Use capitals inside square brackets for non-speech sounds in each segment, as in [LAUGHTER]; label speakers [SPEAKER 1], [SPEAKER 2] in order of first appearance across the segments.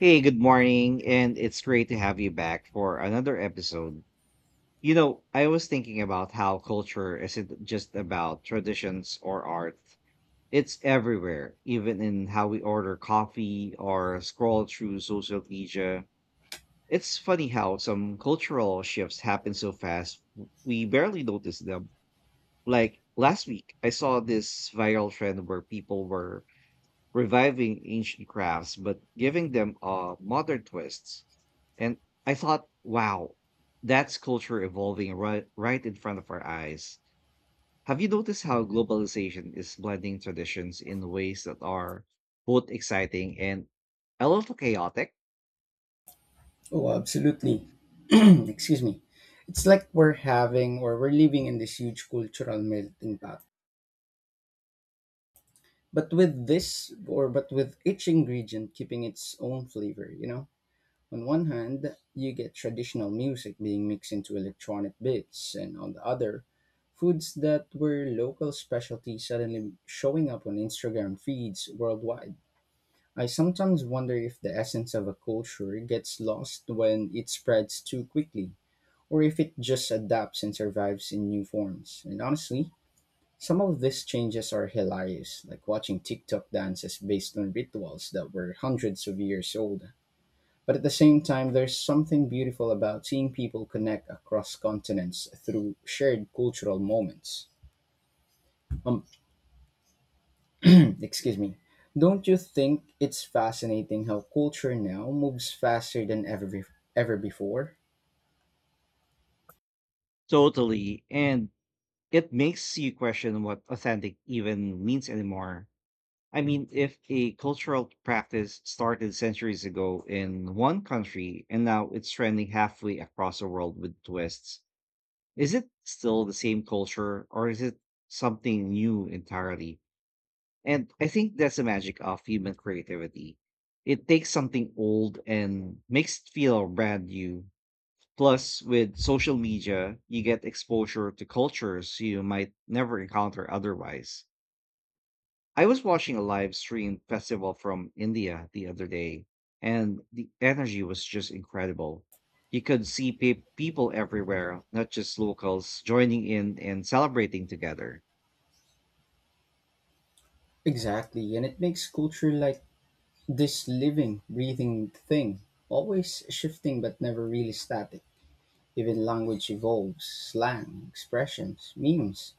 [SPEAKER 1] Hey, good morning, and it's great to have you back for another episode. I was thinking about how culture isn't just about traditions or art. It's everywhere, even in how we order coffee or scroll through social media. It's funny how some cultural shifts happen so fast, we barely notice them. Like last week, I saw this viral trend where people were reviving ancient crafts but giving them a modern twists. And I thought, wow, that's culture evolving right in front of our eyes. Have you noticed how globalization is blending traditions in ways that are both exciting and a little chaotic?
[SPEAKER 2] Oh, absolutely. [CLEARS THROAT] Excuse me. It's like we're having or we're living in this huge cultural melting pot. But with this or but with each ingredient keeping its own flavor, you know? On one hand, you get traditional music being mixed into electronic beats, and on the other, foods that were local specialties suddenly showing up on Instagram feeds worldwide. I sometimes wonder if the essence of a culture gets lost when it spreads too quickly or if it just adapts and survives in new forms. And honestly, some of these changes are hilarious, like watching TikTok dances based on rituals that were hundreds of years old. But at the same time, there's something beautiful about seeing people connect across continents through shared cultural moments. Um, [CLEARS THROAT] excuse me. Don't you think it's fascinating how culture now moves faster than ever, ever before?
[SPEAKER 1] Totally. And it makes you question what authentic even means anymore. I mean, if a cultural practice started centuries ago in one country and now it's trending halfway across the world with twists, is it still the same culture or is it something new entirely? And I think that's the magic of human creativity. It takes something old and makes it feel brand new. Plus, with social media, you get exposure to cultures you might never encounter otherwise. I was watching a live stream festival from India the other day, and the energy was just incredible. You could see people everywhere, not just locals, joining in and celebrating together.
[SPEAKER 2] Exactly, and it makes culture like this living, breathing thing, always shifting but never really static. Even language evolves, slang, expressions, memes.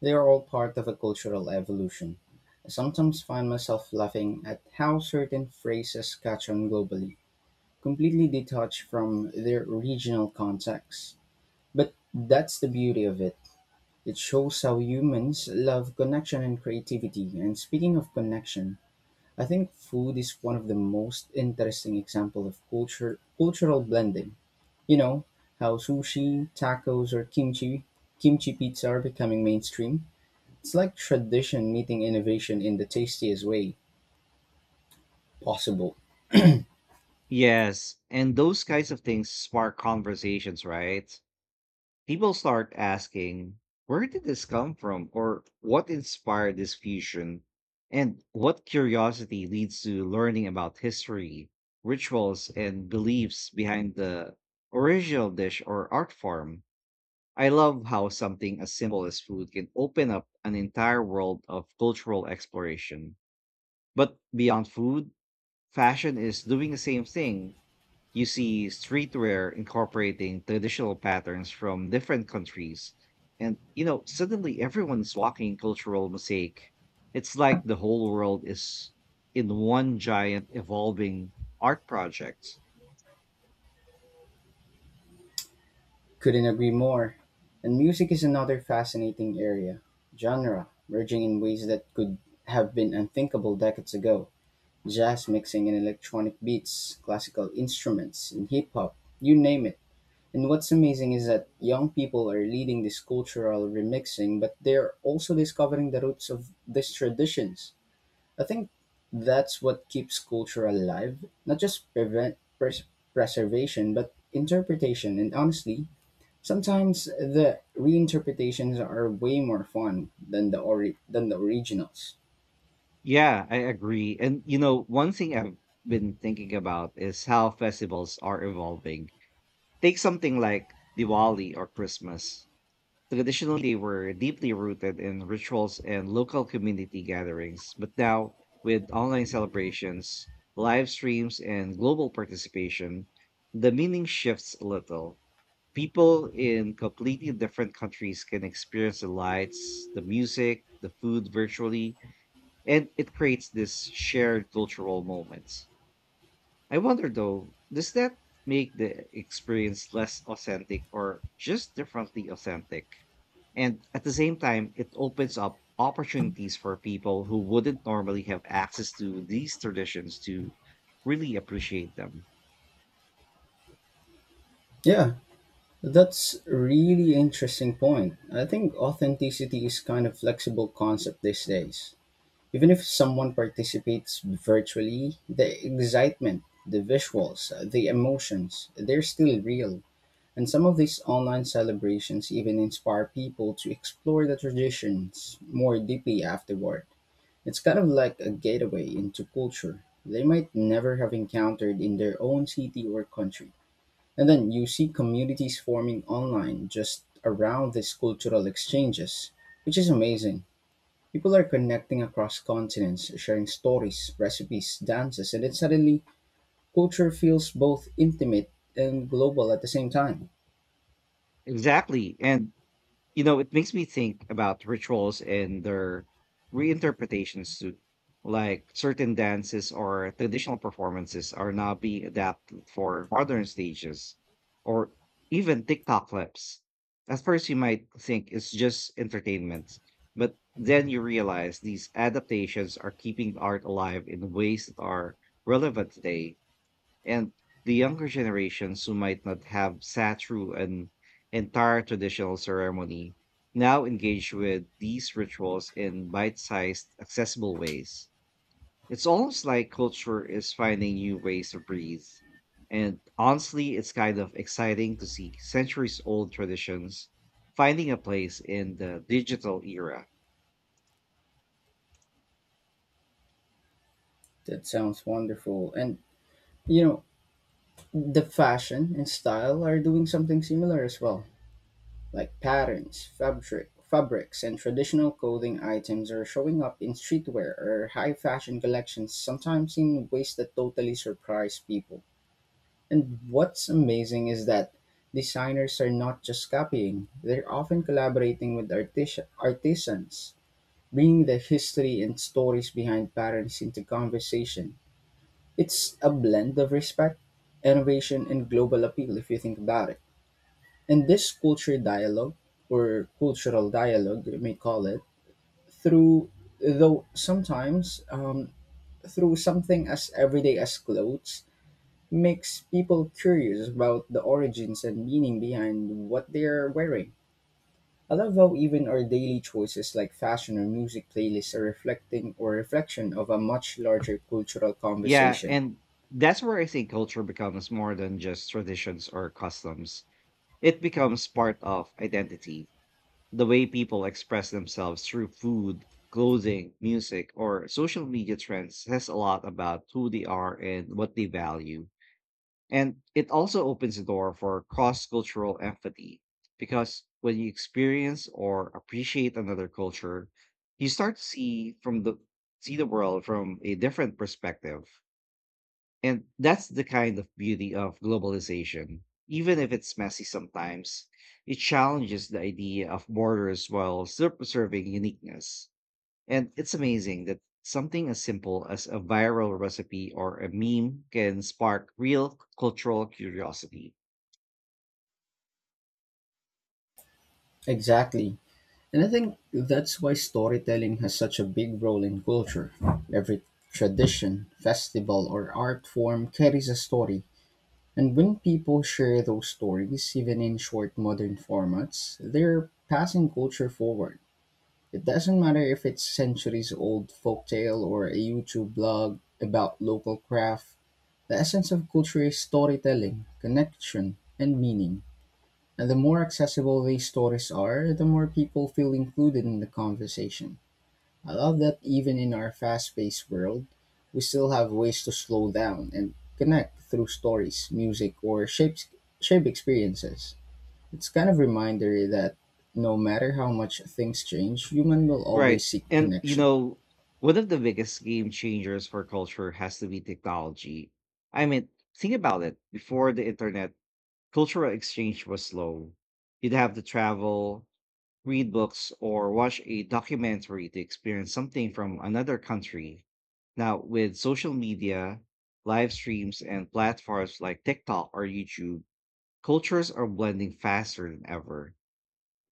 [SPEAKER 2] They are all part of a cultural evolution. I sometimes find myself laughing at how certain phrases catch on globally, completely detached from their regional context. But that's the beauty of it. It shows how humans love connection and creativity. And speaking of connection, I think food is one of the most interesting example of culture cultural blending. You know how sushi, tacos, or kimchi pizza are becoming mainstream. It's like tradition meeting innovation in the tastiest way possible.
[SPEAKER 1] Yes, and those kinds of things spark conversations, right? People start asking, where did this come from? Or what inspired this fusion? And what curiosity leads to learning about history, rituals, and beliefs behind the original dish or art form? I love how something as simple as food can open up an entire world of cultural exploration. But beyond food, fashion is doing the same thing. You see streetwear incorporating traditional patterns from different countries. And, suddenly everyone's walking cultural mosaic. It's like the whole world is in one giant evolving art project.
[SPEAKER 2] Couldn't agree more. And music is another fascinating area. Genre merging in ways that could have been unthinkable decades ago. Jazz mixing in electronic beats, classical instruments, and hip hop. You name it. And what's amazing is that young people are leading this cultural remixing, but they're also discovering the roots of these traditions. I think that's what keeps culture alive, not just preservation, but interpretation. And honestly, sometimes the reinterpretations are way more fun than than the originals.
[SPEAKER 1] Yeah, I agree. One thing I've been thinking about is how festivals are evolving. Take something like Diwali or Christmas. Traditionally were deeply rooted in rituals and local community gatherings, but now with online celebrations, live streams, and global participation, the meaning shifts a little. People in completely different countries can experience the lights, the music, the food virtually, and it creates this shared cultural moment. I wonder though, does that make the experience less authentic or just differently authentic? And at the same time, it opens up opportunities for people who wouldn't normally have access to these traditions to really appreciate them.
[SPEAKER 2] Yeah, that's really interesting point. I think authenticity is kind of flexible concept these days. Even if someone participates virtually, the excitement, the visuals, the emotions, they're still real. And some of these online celebrations even inspire people to explore the traditions more deeply afterward. It's kind of like a gateway into culture they might never have encountered in their own city or country. And then you see communities forming online just around these cultural exchanges, which is amazing. People are connecting across continents, sharing stories, recipes, dances, and then suddenly culture feels both intimate and global at the same time.
[SPEAKER 1] Exactly. And you know, it makes me think about rituals and their reinterpretations too. Like certain dances or traditional performances are now being adapted for modern stages or even TikTok clips. At first, you might think it's just entertainment, but then you realize these adaptations are keeping art alive in ways that are relevant today, and the younger generations who might not have sat through an entire traditional ceremony now engage with these rituals in bite-sized, accessible ways. It's almost like culture is finding new ways to breathe, and honestly it's kind of exciting to see centuries old traditions finding a place in the digital era.
[SPEAKER 2] That sounds wonderful. And you know, the fashion and style are doing something similar as well. Like patterns, fabrics, and traditional clothing items are showing up in streetwear or high fashion collections, sometimes in ways that totally surprise people. And what's amazing is that designers are not just copying, they're often collaborating with artisans, bringing the history and stories behind patterns into conversation. It's a blend of respect, innovation, and global appeal if you think about it. And this culture dialogue, or cultural dialogue, you may call it, through though sometimes through something as everyday as clothes makes people curious about the origins and meaning behind what they're wearing. I love how even our daily choices like fashion or music playlists are reflecting or reflection of a much larger cultural
[SPEAKER 1] Yeah,
[SPEAKER 2] conversation.
[SPEAKER 1] and that's where I think culture becomes more than just traditions or customs. It becomes part of identity. The way people express themselves through food, clothing, music, or social media trends says a lot about who they are and what they value. And it also opens the door for cross cultural empathy, because when you experience or appreciate another culture, you start to see the world from a different perspective. And that's the kind of beauty of globalization. Even if it's messy sometimes, it challenges the idea of borders while still preserving uniqueness. And it's amazing that something as simple as a viral recipe or a meme can spark real cultural curiosity.
[SPEAKER 2] Exactly. And I think that's why storytelling has such a big role in culture. Every tradition, festival, or art form carries a story. And when people share those stories, even in short modern formats, they're passing culture forward. It doesn't matter if it's centuries old folktale or a YouTube blog about local craft. The essence of culture is storytelling, connection, and meaning. And the more accessible these stories are, the more people feel included in the conversation. I love that even in our fast paced world, we still have ways to slow down and connect through stories, music, or shape experiences. It's kind of reminder that no matter how much things change, human will
[SPEAKER 1] Right.
[SPEAKER 2] always seek
[SPEAKER 1] And, you
[SPEAKER 2] connection.
[SPEAKER 1] know, one of the biggest game changers for culture has to be technology. I mean, think about it. Before the internet, cultural exchange was slow. You'd have to travel, read books, or watch a documentary to experience something from another country. Now, with social media, live streams, and platforms like TikTok or YouTube, cultures are blending faster than ever.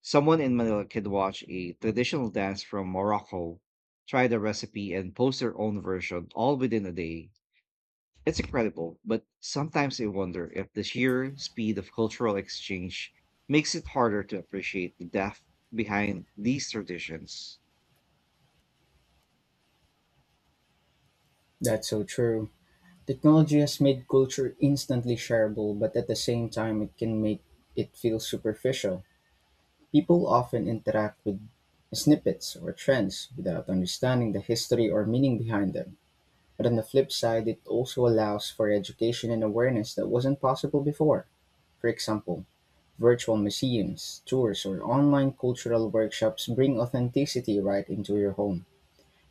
[SPEAKER 1] Someone in Manila could watch a traditional dance from Morocco, try the recipe, and post their own version all within a day. It's incredible, but sometimes I wonder if the sheer speed of cultural exchange makes it harder to appreciate the depth behind these traditions.
[SPEAKER 2] That's so true. Technology has made culture instantly shareable, but at the same time, it can make it feel superficial. People often interact with snippets or trends without understanding the history or meaning behind them. But on the flip side, it also allows for education and awareness that wasn't possible before. For example, virtual museums, tours, or online cultural workshops bring authenticity right into your home,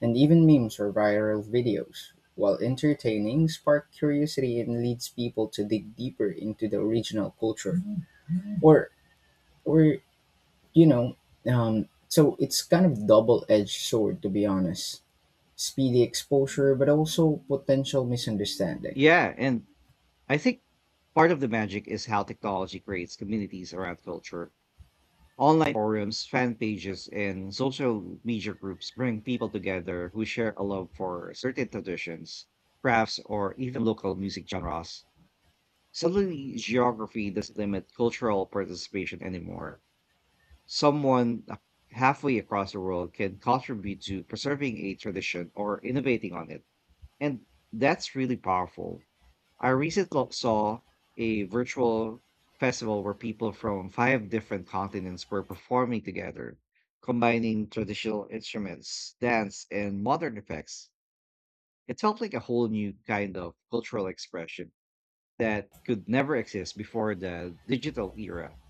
[SPEAKER 2] and even memes or viral videos. While entertaining, spark curiosity and leads people to dig deeper into the original culture. Or, or you know, so it's kind of double-edged sword to be honest. Speedy exposure, but also potential misunderstanding.
[SPEAKER 1] Yeah, and I think part of the magic is how technology creates communities around culture. Online forums, fan pages, and social media groups bring people together who share a love for certain traditions, crafts, or even local music genres. Suddenly, geography doesn't limit cultural participation anymore. Someone halfway across the world can contribute to preserving a tradition or innovating on it. And that's really powerful. I recently saw a virtual festival where people from five different continents were performing together, combining traditional instruments, dance, and modern effects. It felt like a whole new kind of cultural expression that could never exist before the digital era.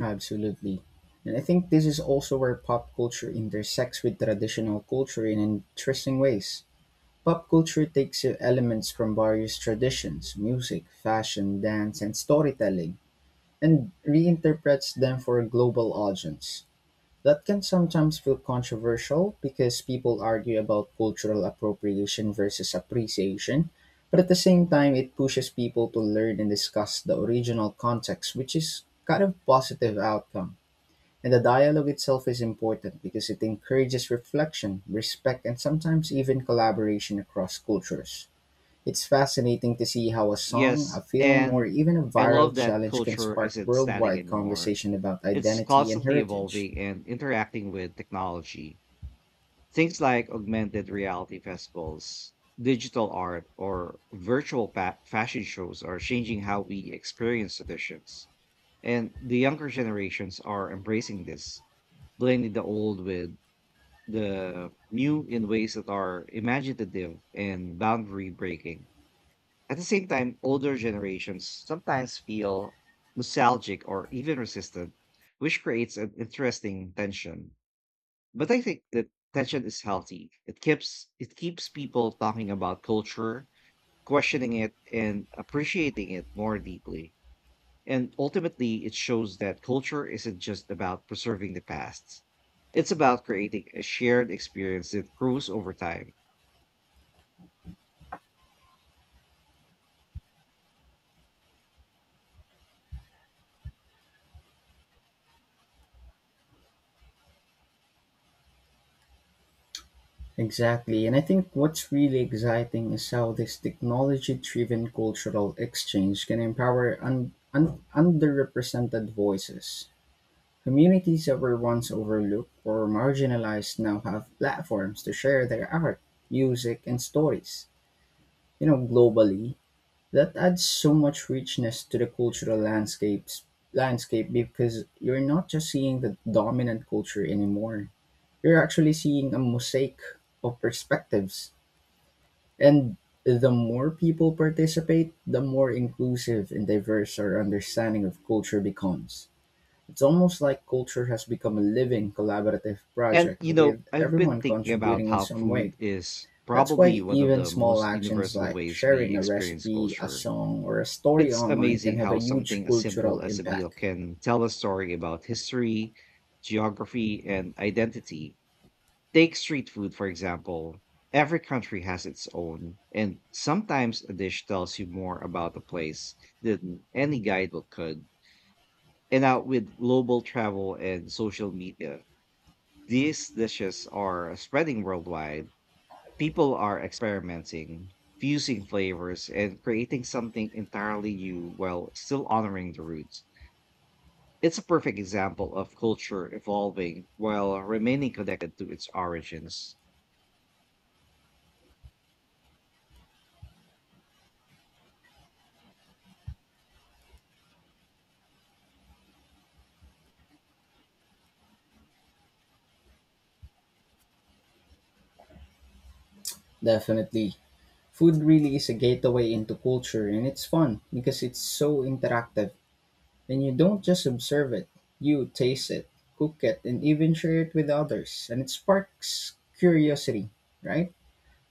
[SPEAKER 2] Absolutely. And I think this is also where pop culture intersects with traditional culture in interesting ways. Pop culture takes elements from various traditions, music, fashion, dance, and storytelling, and reinterprets them for a global audience. That can sometimes feel controversial because people argue about cultural appropriation versus appreciation, but at the same time, it pushes people to learn and discuss the original context, which is kind of positive outcome. And the dialogue itself is important because it encourages reflection, respect, and sometimes even collaboration across cultures. It's fascinating to see how a song, a
[SPEAKER 1] Yes,
[SPEAKER 2] film, or
[SPEAKER 1] and
[SPEAKER 2] even a
[SPEAKER 1] I love
[SPEAKER 2] viral
[SPEAKER 1] that
[SPEAKER 2] challenge can
[SPEAKER 1] culture
[SPEAKER 2] spark
[SPEAKER 1] isn't static
[SPEAKER 2] worldwide
[SPEAKER 1] anymore.
[SPEAKER 2] conversation about
[SPEAKER 1] It's
[SPEAKER 2] identity and
[SPEAKER 1] constantly
[SPEAKER 2] heritage.
[SPEAKER 1] evolving and interacting with technology. Things like augmented reality festivals, digital art, or virtual fashion shows are changing how we experience traditions. And the younger generations are embracing this, blending the old with the new in ways that are imaginative and boundary breaking. At the same time, older generations sometimes feel nostalgic or even resistant, which creates an interesting tension. But I think that tension is healthy. It keeps people talking about culture, questioning it, and appreciating it more deeply. And ultimately, it shows that culture isn't just about preserving the past. It's about creating a shared experience that grows over time.
[SPEAKER 2] Exactly, and I think what's really exciting is how this technology driven cultural exchange can empower underrepresented voices. Communities that were once overlooked or marginalized now have platforms to share their art, music, and stories, you know, globally. That adds so much richness to the cultural landscapes landscape because you're not just seeing the dominant culture anymore. You're actually seeing a mosaic of perspectives. And the more people participate, the more inclusive and diverse our understanding of culture becomes. It's almost like culture has become a living, collaborative
[SPEAKER 1] And
[SPEAKER 2] project
[SPEAKER 1] you know,
[SPEAKER 2] with
[SPEAKER 1] I've been
[SPEAKER 2] everyone
[SPEAKER 1] thinking about
[SPEAKER 2] contributing in
[SPEAKER 1] how
[SPEAKER 2] some way.
[SPEAKER 1] food is
[SPEAKER 2] That's
[SPEAKER 1] probably
[SPEAKER 2] why
[SPEAKER 1] one of
[SPEAKER 2] even
[SPEAKER 1] the
[SPEAKER 2] small
[SPEAKER 1] most
[SPEAKER 2] actions
[SPEAKER 1] universal
[SPEAKER 2] like
[SPEAKER 1] ways we
[SPEAKER 2] sharing a
[SPEAKER 1] experience
[SPEAKER 2] recipe, a
[SPEAKER 1] culture.
[SPEAKER 2] song, or a story
[SPEAKER 1] It's
[SPEAKER 2] online
[SPEAKER 1] amazing
[SPEAKER 2] can have a
[SPEAKER 1] how
[SPEAKER 2] huge
[SPEAKER 1] something as
[SPEAKER 2] cultural
[SPEAKER 1] simple as a meal
[SPEAKER 2] impact.
[SPEAKER 1] can tell a story about history, geography, and identity. Take street food, for example. Every country has its own, and sometimes a dish tells you more about a place than any guidebook could. And now with global travel and social media, these dishes are spreading worldwide. People are experimenting, fusing flavors, and creating something entirely new while still honoring the roots. It's a perfect example of culture evolving while remaining connected to its origins.
[SPEAKER 2] Definitely. Food really is a gateway into culture, and it's fun because it's so interactive. And you don't just observe it, you taste it, cook it, and even share it with others. And it sparks curiosity, right?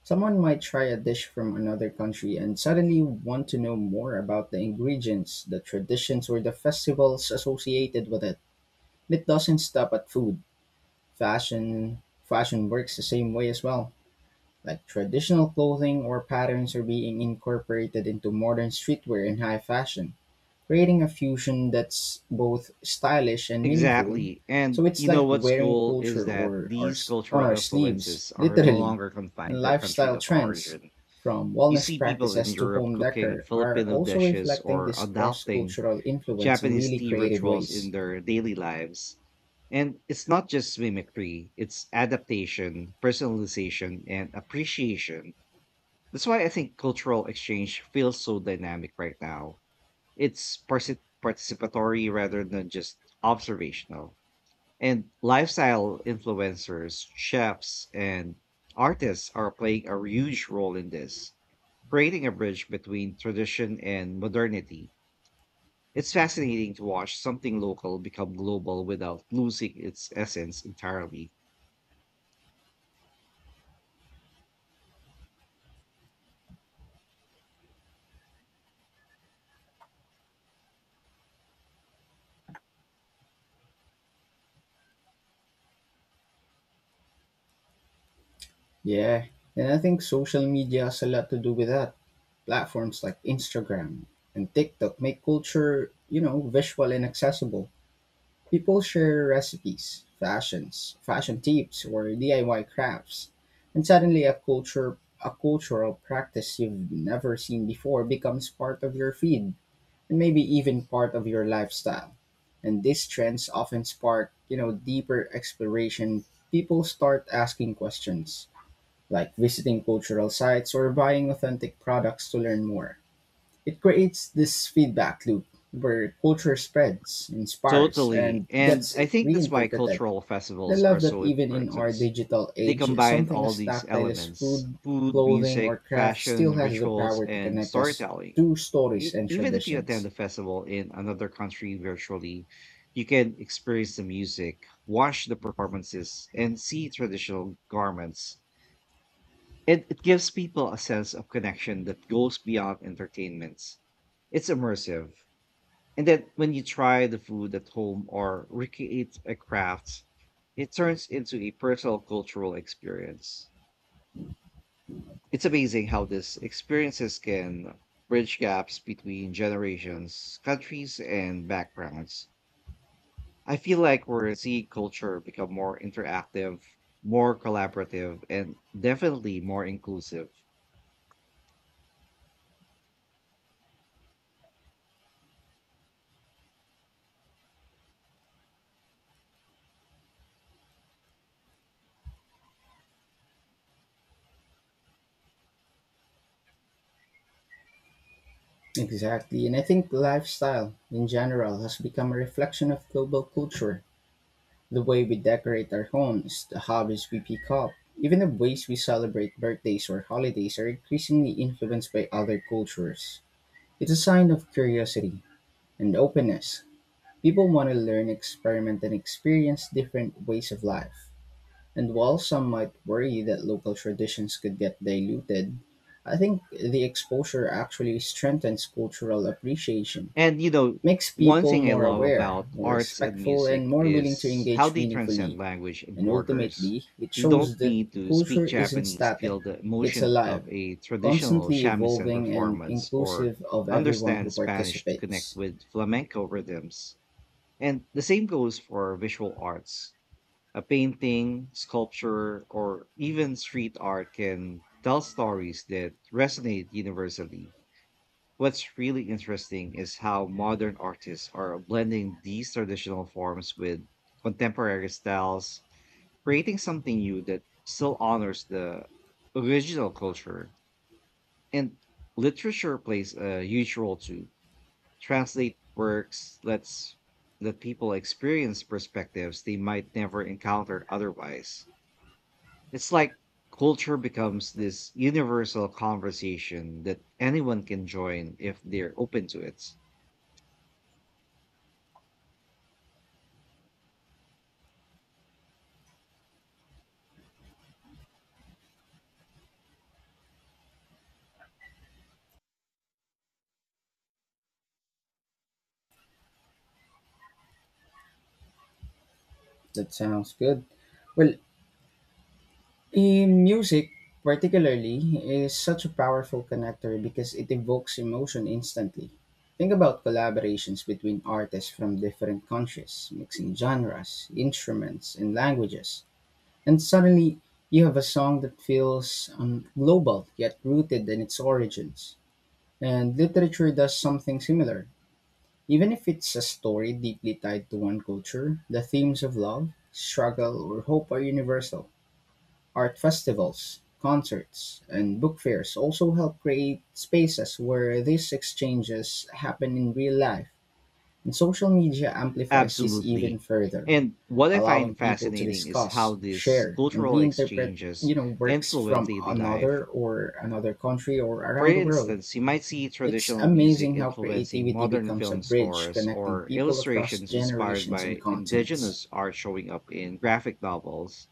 [SPEAKER 2] Someone might try a dish from another country and suddenly want to know more about the ingredients, the traditions, or the festivals associated with it. It doesn't stop at food. Fashion works the same way as well. Like traditional clothing or patterns are being incorporated into modern streetwear and high fashion creating a fusion that's both stylish and meaningful.
[SPEAKER 1] Exactly. And
[SPEAKER 2] So it's
[SPEAKER 1] you know
[SPEAKER 2] like
[SPEAKER 1] what's
[SPEAKER 2] wearing
[SPEAKER 1] cool is that these
[SPEAKER 2] on
[SPEAKER 1] cultural
[SPEAKER 2] our sleeves,
[SPEAKER 1] influences are no
[SPEAKER 2] literally.
[SPEAKER 1] longer confined
[SPEAKER 2] And
[SPEAKER 1] to their country
[SPEAKER 2] lifestyle
[SPEAKER 1] of
[SPEAKER 2] trends,
[SPEAKER 1] origin.
[SPEAKER 2] from
[SPEAKER 1] You
[SPEAKER 2] wellness
[SPEAKER 1] see people in
[SPEAKER 2] practices to
[SPEAKER 1] Europe
[SPEAKER 2] home
[SPEAKER 1] cooking
[SPEAKER 2] decor, are
[SPEAKER 1] Filipino
[SPEAKER 2] also
[SPEAKER 1] dishes
[SPEAKER 2] reflecting
[SPEAKER 1] or
[SPEAKER 2] this cross
[SPEAKER 1] adopting
[SPEAKER 2] cultural influence in
[SPEAKER 1] Japanese
[SPEAKER 2] really
[SPEAKER 1] tea
[SPEAKER 2] creative
[SPEAKER 1] rituals in
[SPEAKER 2] ways.
[SPEAKER 1] their daily lives. And it's not just mimicry, it's adaptation, personalization, and appreciation. That's why I think cultural exchange feels so dynamic right now. It's participatory rather than just observational. And lifestyle influencers, chefs, and artists are playing a huge role in this, creating a bridge between tradition and modernity. It's fascinating to watch something local become global without losing its essence entirely.
[SPEAKER 2] Yeah, and I think social media has a lot to do with that. Platforms like Instagram and TikTok make culture, you know, visual and accessible. People share recipes, fashion tips, or DIY crafts, and suddenly a cultural practice you've never seen before becomes part of your feed and maybe even part of your lifestyle. And these trends often spark, you know, deeper exploration. People start asking questions like visiting cultural sites or buying authentic products to learn more. It creates this feedback loop where culture spreads, inspires,
[SPEAKER 1] Totally.
[SPEAKER 2] and
[SPEAKER 1] And
[SPEAKER 2] gets
[SPEAKER 1] I think that's why
[SPEAKER 2] reinterpreted.
[SPEAKER 1] cultural
[SPEAKER 2] I
[SPEAKER 1] festivals are
[SPEAKER 2] love that
[SPEAKER 1] so
[SPEAKER 2] even in our
[SPEAKER 1] important.
[SPEAKER 2] digital
[SPEAKER 1] They
[SPEAKER 2] age,
[SPEAKER 1] combine
[SPEAKER 2] something
[SPEAKER 1] all
[SPEAKER 2] as
[SPEAKER 1] these
[SPEAKER 2] tactile as
[SPEAKER 1] elements:
[SPEAKER 2] food,
[SPEAKER 1] food,
[SPEAKER 2] clothing, or
[SPEAKER 1] music,
[SPEAKER 2] craft still
[SPEAKER 1] fashion,
[SPEAKER 2] has the
[SPEAKER 1] rituals,
[SPEAKER 2] power to
[SPEAKER 1] and
[SPEAKER 2] connect us
[SPEAKER 1] storytelling.
[SPEAKER 2] to stories and
[SPEAKER 1] Even if you attend
[SPEAKER 2] traditions.
[SPEAKER 1] a festival in another country virtually, you can experience the music, watch the performances, and see traditional garments. It gives people a sense of connection that goes beyond entertainments. It's immersive. And then when you try the food at home or recreate a craft, it turns into a personal cultural experience. It's amazing how these experiences can bridge gaps between generations, countries, and backgrounds. I feel like we're seeing culture become more interactive, more collaborative, and definitely more inclusive.
[SPEAKER 2] Exactly, and I think lifestyle in general has become a reflection of global culture. The way we decorate our homes, the hobbies we pick up, even the ways we celebrate birthdays or holidays are increasingly influenced by other cultures. It's a sign of curiosity and openness. People want to learn, experiment, and experience different ways of life. And while some might worry that local traditions could get diluted, I think the exposure actually strengthens cultural appreciation.
[SPEAKER 1] And you know,
[SPEAKER 2] It makes
[SPEAKER 1] one
[SPEAKER 2] people
[SPEAKER 1] thing I
[SPEAKER 2] more
[SPEAKER 1] love
[SPEAKER 2] aware,
[SPEAKER 1] about
[SPEAKER 2] more
[SPEAKER 1] arts and
[SPEAKER 2] respectful, and
[SPEAKER 1] music
[SPEAKER 2] more willing to
[SPEAKER 1] is how
[SPEAKER 2] engage
[SPEAKER 1] they transcend
[SPEAKER 2] meaningfully
[SPEAKER 1] language and
[SPEAKER 2] and
[SPEAKER 1] borders.
[SPEAKER 2] ultimately, it
[SPEAKER 1] You don't
[SPEAKER 2] shows that
[SPEAKER 1] need to
[SPEAKER 2] culture
[SPEAKER 1] speak
[SPEAKER 2] isn't
[SPEAKER 1] Japanese to
[SPEAKER 2] static,
[SPEAKER 1] feel the
[SPEAKER 2] it's
[SPEAKER 1] emotion
[SPEAKER 2] alive,
[SPEAKER 1] of a traditional
[SPEAKER 2] constantly
[SPEAKER 1] shamisen
[SPEAKER 2] evolving and
[SPEAKER 1] performance or
[SPEAKER 2] inclusive of everyone who
[SPEAKER 1] understand Spanish to connect
[SPEAKER 2] participates.
[SPEAKER 1] with flamenco rhythms. And the same goes for visual arts. A painting, sculpture, or even street art can tell stories that resonate universally. What's really interesting is how modern artists are blending these traditional forms with contemporary styles, creating something new that still honors the original culture. And literature plays a huge role to translate works, let people experience perspectives they might never encounter otherwise. It's like culture becomes this universal conversation that anyone can join if they're open to it.
[SPEAKER 2] That sounds good. Well, in music, particularly, is such a powerful connector because it evokes emotion instantly. Think about collaborations between artists from different countries, mixing genres, instruments, and languages. And suddenly you have a song that feels global yet rooted in its origins. And literature does something similar. Even if it's a story deeply tied to one culture, the themes of love, struggle, or hope are universal. Art festivals, concerts, and book fairs also help create spaces where these exchanges happen in real life, and social media amplifies this even
[SPEAKER 1] Absolutely.
[SPEAKER 2] further
[SPEAKER 1] And what I find
[SPEAKER 2] allowing people to
[SPEAKER 1] fascinating is how
[SPEAKER 2] discuss,
[SPEAKER 1] these
[SPEAKER 2] share, and
[SPEAKER 1] cultural
[SPEAKER 2] reinterpret,
[SPEAKER 1] exchanges
[SPEAKER 2] you know, works
[SPEAKER 1] influence
[SPEAKER 2] from
[SPEAKER 1] daily life.
[SPEAKER 2] another country or
[SPEAKER 1] For
[SPEAKER 2] around the world.
[SPEAKER 1] instance, you might see
[SPEAKER 2] It's
[SPEAKER 1] traditional music
[SPEAKER 2] amazing how
[SPEAKER 1] influencing
[SPEAKER 2] creativity
[SPEAKER 1] modern
[SPEAKER 2] becomes a
[SPEAKER 1] film
[SPEAKER 2] bridge
[SPEAKER 1] scores
[SPEAKER 2] connecting
[SPEAKER 1] or
[SPEAKER 2] people across
[SPEAKER 1] illustrations inspired
[SPEAKER 2] generations and
[SPEAKER 1] by
[SPEAKER 2] continents.
[SPEAKER 1] indigenous art showing up in graphic novels.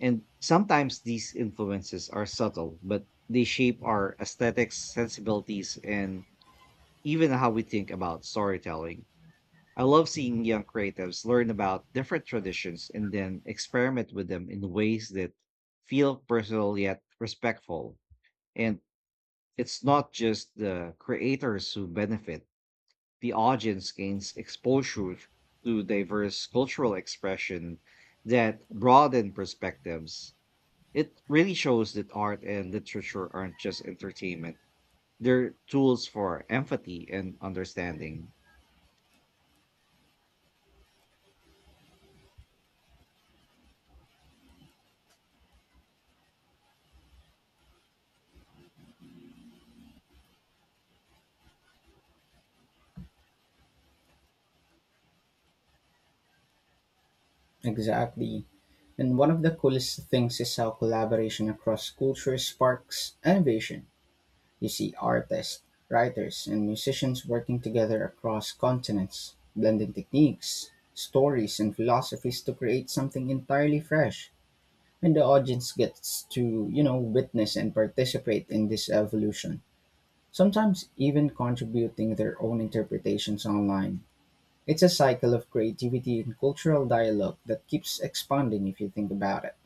[SPEAKER 1] And sometimes these influences are subtle, but they shape our aesthetics, sensibilities, and even how we think about storytelling. I love seeing young creatives learn about different traditions and then experiment with them in ways that feel personal yet respectful. And it's not just the creators who benefit, the audience gains exposure to diverse cultural expression that broaden perspectives. It really shows that art and literature aren't just entertainment, they're tools for empathy and understanding.
[SPEAKER 2] Exactly. And one of the coolest things is how collaboration across cultures sparks innovation. You see artists, writers, and musicians working together across continents, blending techniques, stories, and philosophies to create something entirely fresh. And the audience gets to, you know, witness and participate in this evolution, sometimes even contributing their own interpretations online. It's a cycle of creativity and cultural dialogue that keeps expanding if you think about it.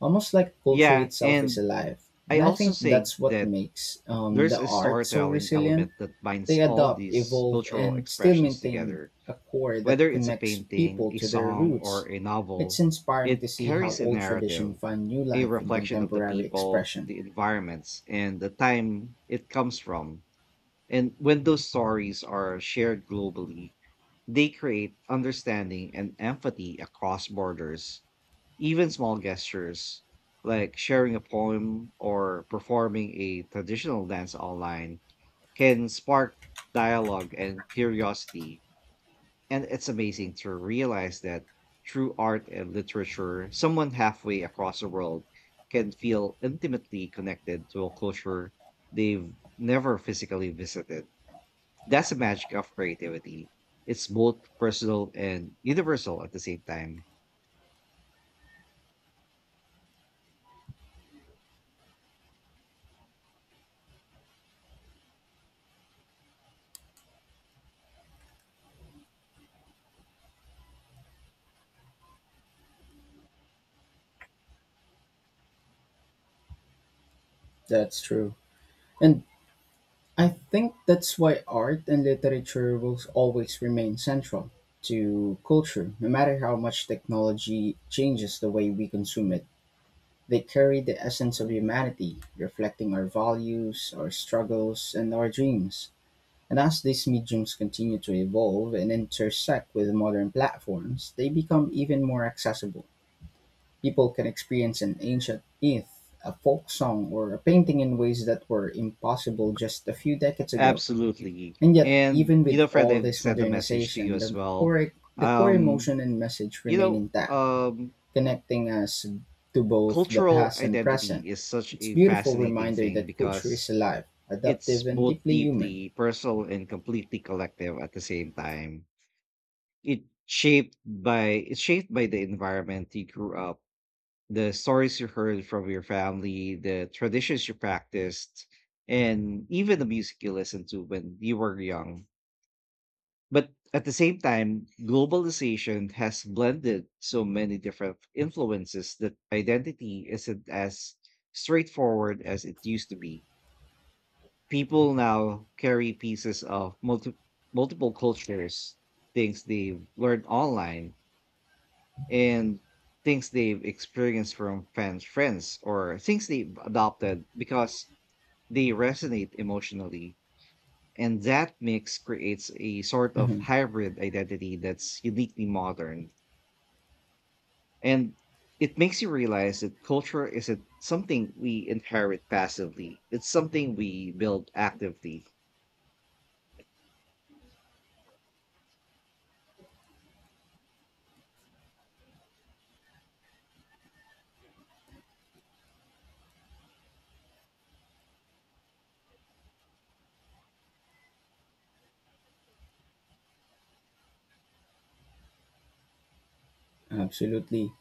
[SPEAKER 2] Almost like culture
[SPEAKER 1] Yeah,
[SPEAKER 2] itself is
[SPEAKER 1] and
[SPEAKER 2] alive.
[SPEAKER 1] I
[SPEAKER 2] And I
[SPEAKER 1] also
[SPEAKER 2] think
[SPEAKER 1] think
[SPEAKER 2] that's what
[SPEAKER 1] that
[SPEAKER 2] makes
[SPEAKER 1] there's
[SPEAKER 2] the
[SPEAKER 1] a
[SPEAKER 2] art so
[SPEAKER 1] storytelling
[SPEAKER 2] resilient.
[SPEAKER 1] element that
[SPEAKER 2] They
[SPEAKER 1] binds all
[SPEAKER 2] adopt,
[SPEAKER 1] these
[SPEAKER 2] evolve,
[SPEAKER 1] cultural
[SPEAKER 2] and still
[SPEAKER 1] expressions
[SPEAKER 2] maintain
[SPEAKER 1] together.
[SPEAKER 2] a core that
[SPEAKER 1] Whether it's a
[SPEAKER 2] connects
[SPEAKER 1] painting,
[SPEAKER 2] people
[SPEAKER 1] a
[SPEAKER 2] to their
[SPEAKER 1] song, or
[SPEAKER 2] roots.
[SPEAKER 1] a
[SPEAKER 2] It's
[SPEAKER 1] novel,
[SPEAKER 2] inspiring to
[SPEAKER 1] it
[SPEAKER 2] see how
[SPEAKER 1] carries a
[SPEAKER 2] old tradition
[SPEAKER 1] narrative,
[SPEAKER 2] find new
[SPEAKER 1] a
[SPEAKER 2] life in
[SPEAKER 1] reflection of the
[SPEAKER 2] contemporary
[SPEAKER 1] people,
[SPEAKER 2] expression.
[SPEAKER 1] the environments, and the time it comes from. And when those stories are shared globally, they create understanding and empathy across borders. Even small gestures like sharing a poem or performing a traditional dance online can spark dialogue and curiosity. And it's amazing to realize that through art and literature, someone halfway across the world can feel intimately connected to a culture they've never physically visited. That's the magic of creativity. It's both personal and universal at the same time.
[SPEAKER 2] That's true. And I think that's why art and literature will always remain central to culture, no matter how much technology changes the way we consume it. They carry the essence of humanity, reflecting our values, our struggles, and our dreams. And as these mediums continue to evolve and intersect with modern platforms, they become even more accessible. People can experience an ancient myth, a folk song, or a painting in ways that were impossible just a few decades ago.
[SPEAKER 1] Absolutely.
[SPEAKER 2] And yet,
[SPEAKER 1] And,
[SPEAKER 2] even
[SPEAKER 1] you
[SPEAKER 2] with
[SPEAKER 1] know, Fred,
[SPEAKER 2] all
[SPEAKER 1] I've
[SPEAKER 2] this
[SPEAKER 1] sent a message to you
[SPEAKER 2] modernization,
[SPEAKER 1] as well.
[SPEAKER 2] the core
[SPEAKER 1] Um,
[SPEAKER 2] emotion and message
[SPEAKER 1] you
[SPEAKER 2] remain
[SPEAKER 1] know,
[SPEAKER 2] intact,
[SPEAKER 1] um,
[SPEAKER 2] connecting us to both the
[SPEAKER 1] Cultural
[SPEAKER 2] past and present.
[SPEAKER 1] identity is such
[SPEAKER 2] It's a
[SPEAKER 1] a
[SPEAKER 2] beautiful
[SPEAKER 1] fascinating
[SPEAKER 2] reminder
[SPEAKER 1] thing
[SPEAKER 2] that culture is
[SPEAKER 1] because
[SPEAKER 2] alive,
[SPEAKER 1] it's
[SPEAKER 2] adaptive, and
[SPEAKER 1] both
[SPEAKER 2] deeply human.
[SPEAKER 1] deeply personal and completely collective at the same time. It's shaped by the environment you grew up, the stories you heard from your family, the traditions you practiced, and even the music you listened to when you were young. But at the same time, globalization has blended so many different influences that identity isn't as straightforward as it used to be. People now carry pieces of multiple cultures, things they've learned online, and things they've experienced from fans, friends, or things they've adopted because they resonate emotionally. And that mix creates a sort of
[SPEAKER 2] Mhm.
[SPEAKER 1] hybrid identity that's uniquely modern. And it makes you realize that culture isn't something we inherit passively, it's something we build actively.
[SPEAKER 2] Absolutely.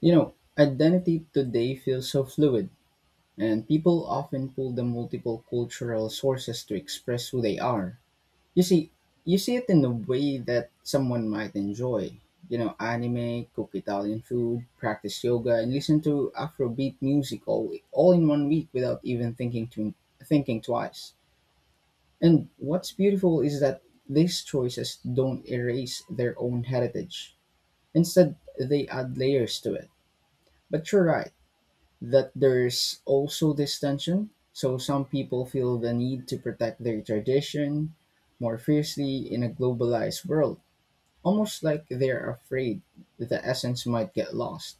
[SPEAKER 2] You know, identity today feels so fluid, and people often pull the multiple cultural sources to express who they are. You see, you see it in a way that someone might enjoy. You know, anime, cook Italian food, practice yoga, and listen to Afrobeat music all in 1 week without even thinking twice. And what's beautiful is that these choices don't erase their own heritage. Instead, they add layers to it. But you're right that there's also this tension. So some people feel the need to protect their tradition more fiercely in a globalized world, almost like they're afraid that the essence might get lost.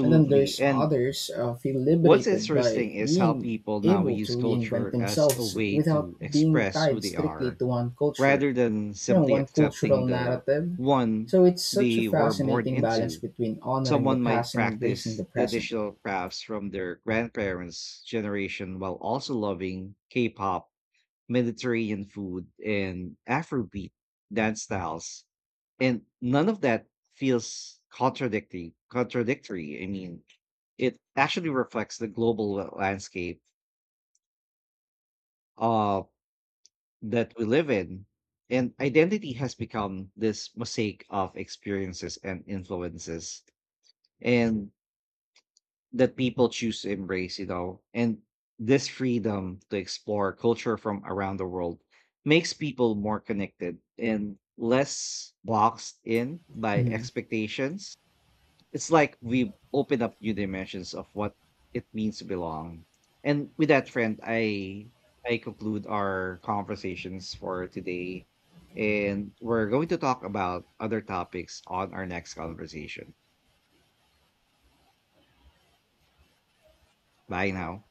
[SPEAKER 2] And then there's
[SPEAKER 1] And
[SPEAKER 2] others feel
[SPEAKER 1] what's
[SPEAKER 2] liberated by
[SPEAKER 1] interesting is how
[SPEAKER 2] being
[SPEAKER 1] people now
[SPEAKER 2] able to
[SPEAKER 1] use
[SPEAKER 2] reinvent
[SPEAKER 1] culture as a
[SPEAKER 2] themselves
[SPEAKER 1] way
[SPEAKER 2] without
[SPEAKER 1] to
[SPEAKER 2] being
[SPEAKER 1] express who
[SPEAKER 2] tied
[SPEAKER 1] they
[SPEAKER 2] strictly
[SPEAKER 1] are
[SPEAKER 2] to one culture,
[SPEAKER 1] rather than
[SPEAKER 2] you know,
[SPEAKER 1] simply
[SPEAKER 2] one cultural
[SPEAKER 1] accepting the
[SPEAKER 2] narrative.
[SPEAKER 1] one
[SPEAKER 2] So it's such a
[SPEAKER 1] they were born
[SPEAKER 2] fascinating balance
[SPEAKER 1] into.
[SPEAKER 2] between honoring the
[SPEAKER 1] Someone might
[SPEAKER 2] past and embracing
[SPEAKER 1] practice
[SPEAKER 2] the present.
[SPEAKER 1] traditional crafts from their grandparents' generation while also loving K pop, Mediterranean food, and Afrobeat dance styles. And none of that feels contradictory. I mean, it actually reflects the global landscape uh, that we live in. And identity has become this mosaic of experiences and influences. And that people choose to embrace, and this freedom to explore culture from around the world makes people more connected and less boxed in by
[SPEAKER 2] Mhm.
[SPEAKER 1] expectations. It's like we open up new dimensions of what it means to belong. And with that, friend, I conclude our conversations for today. And we're going to talk about other topics on our next conversation. Bye now.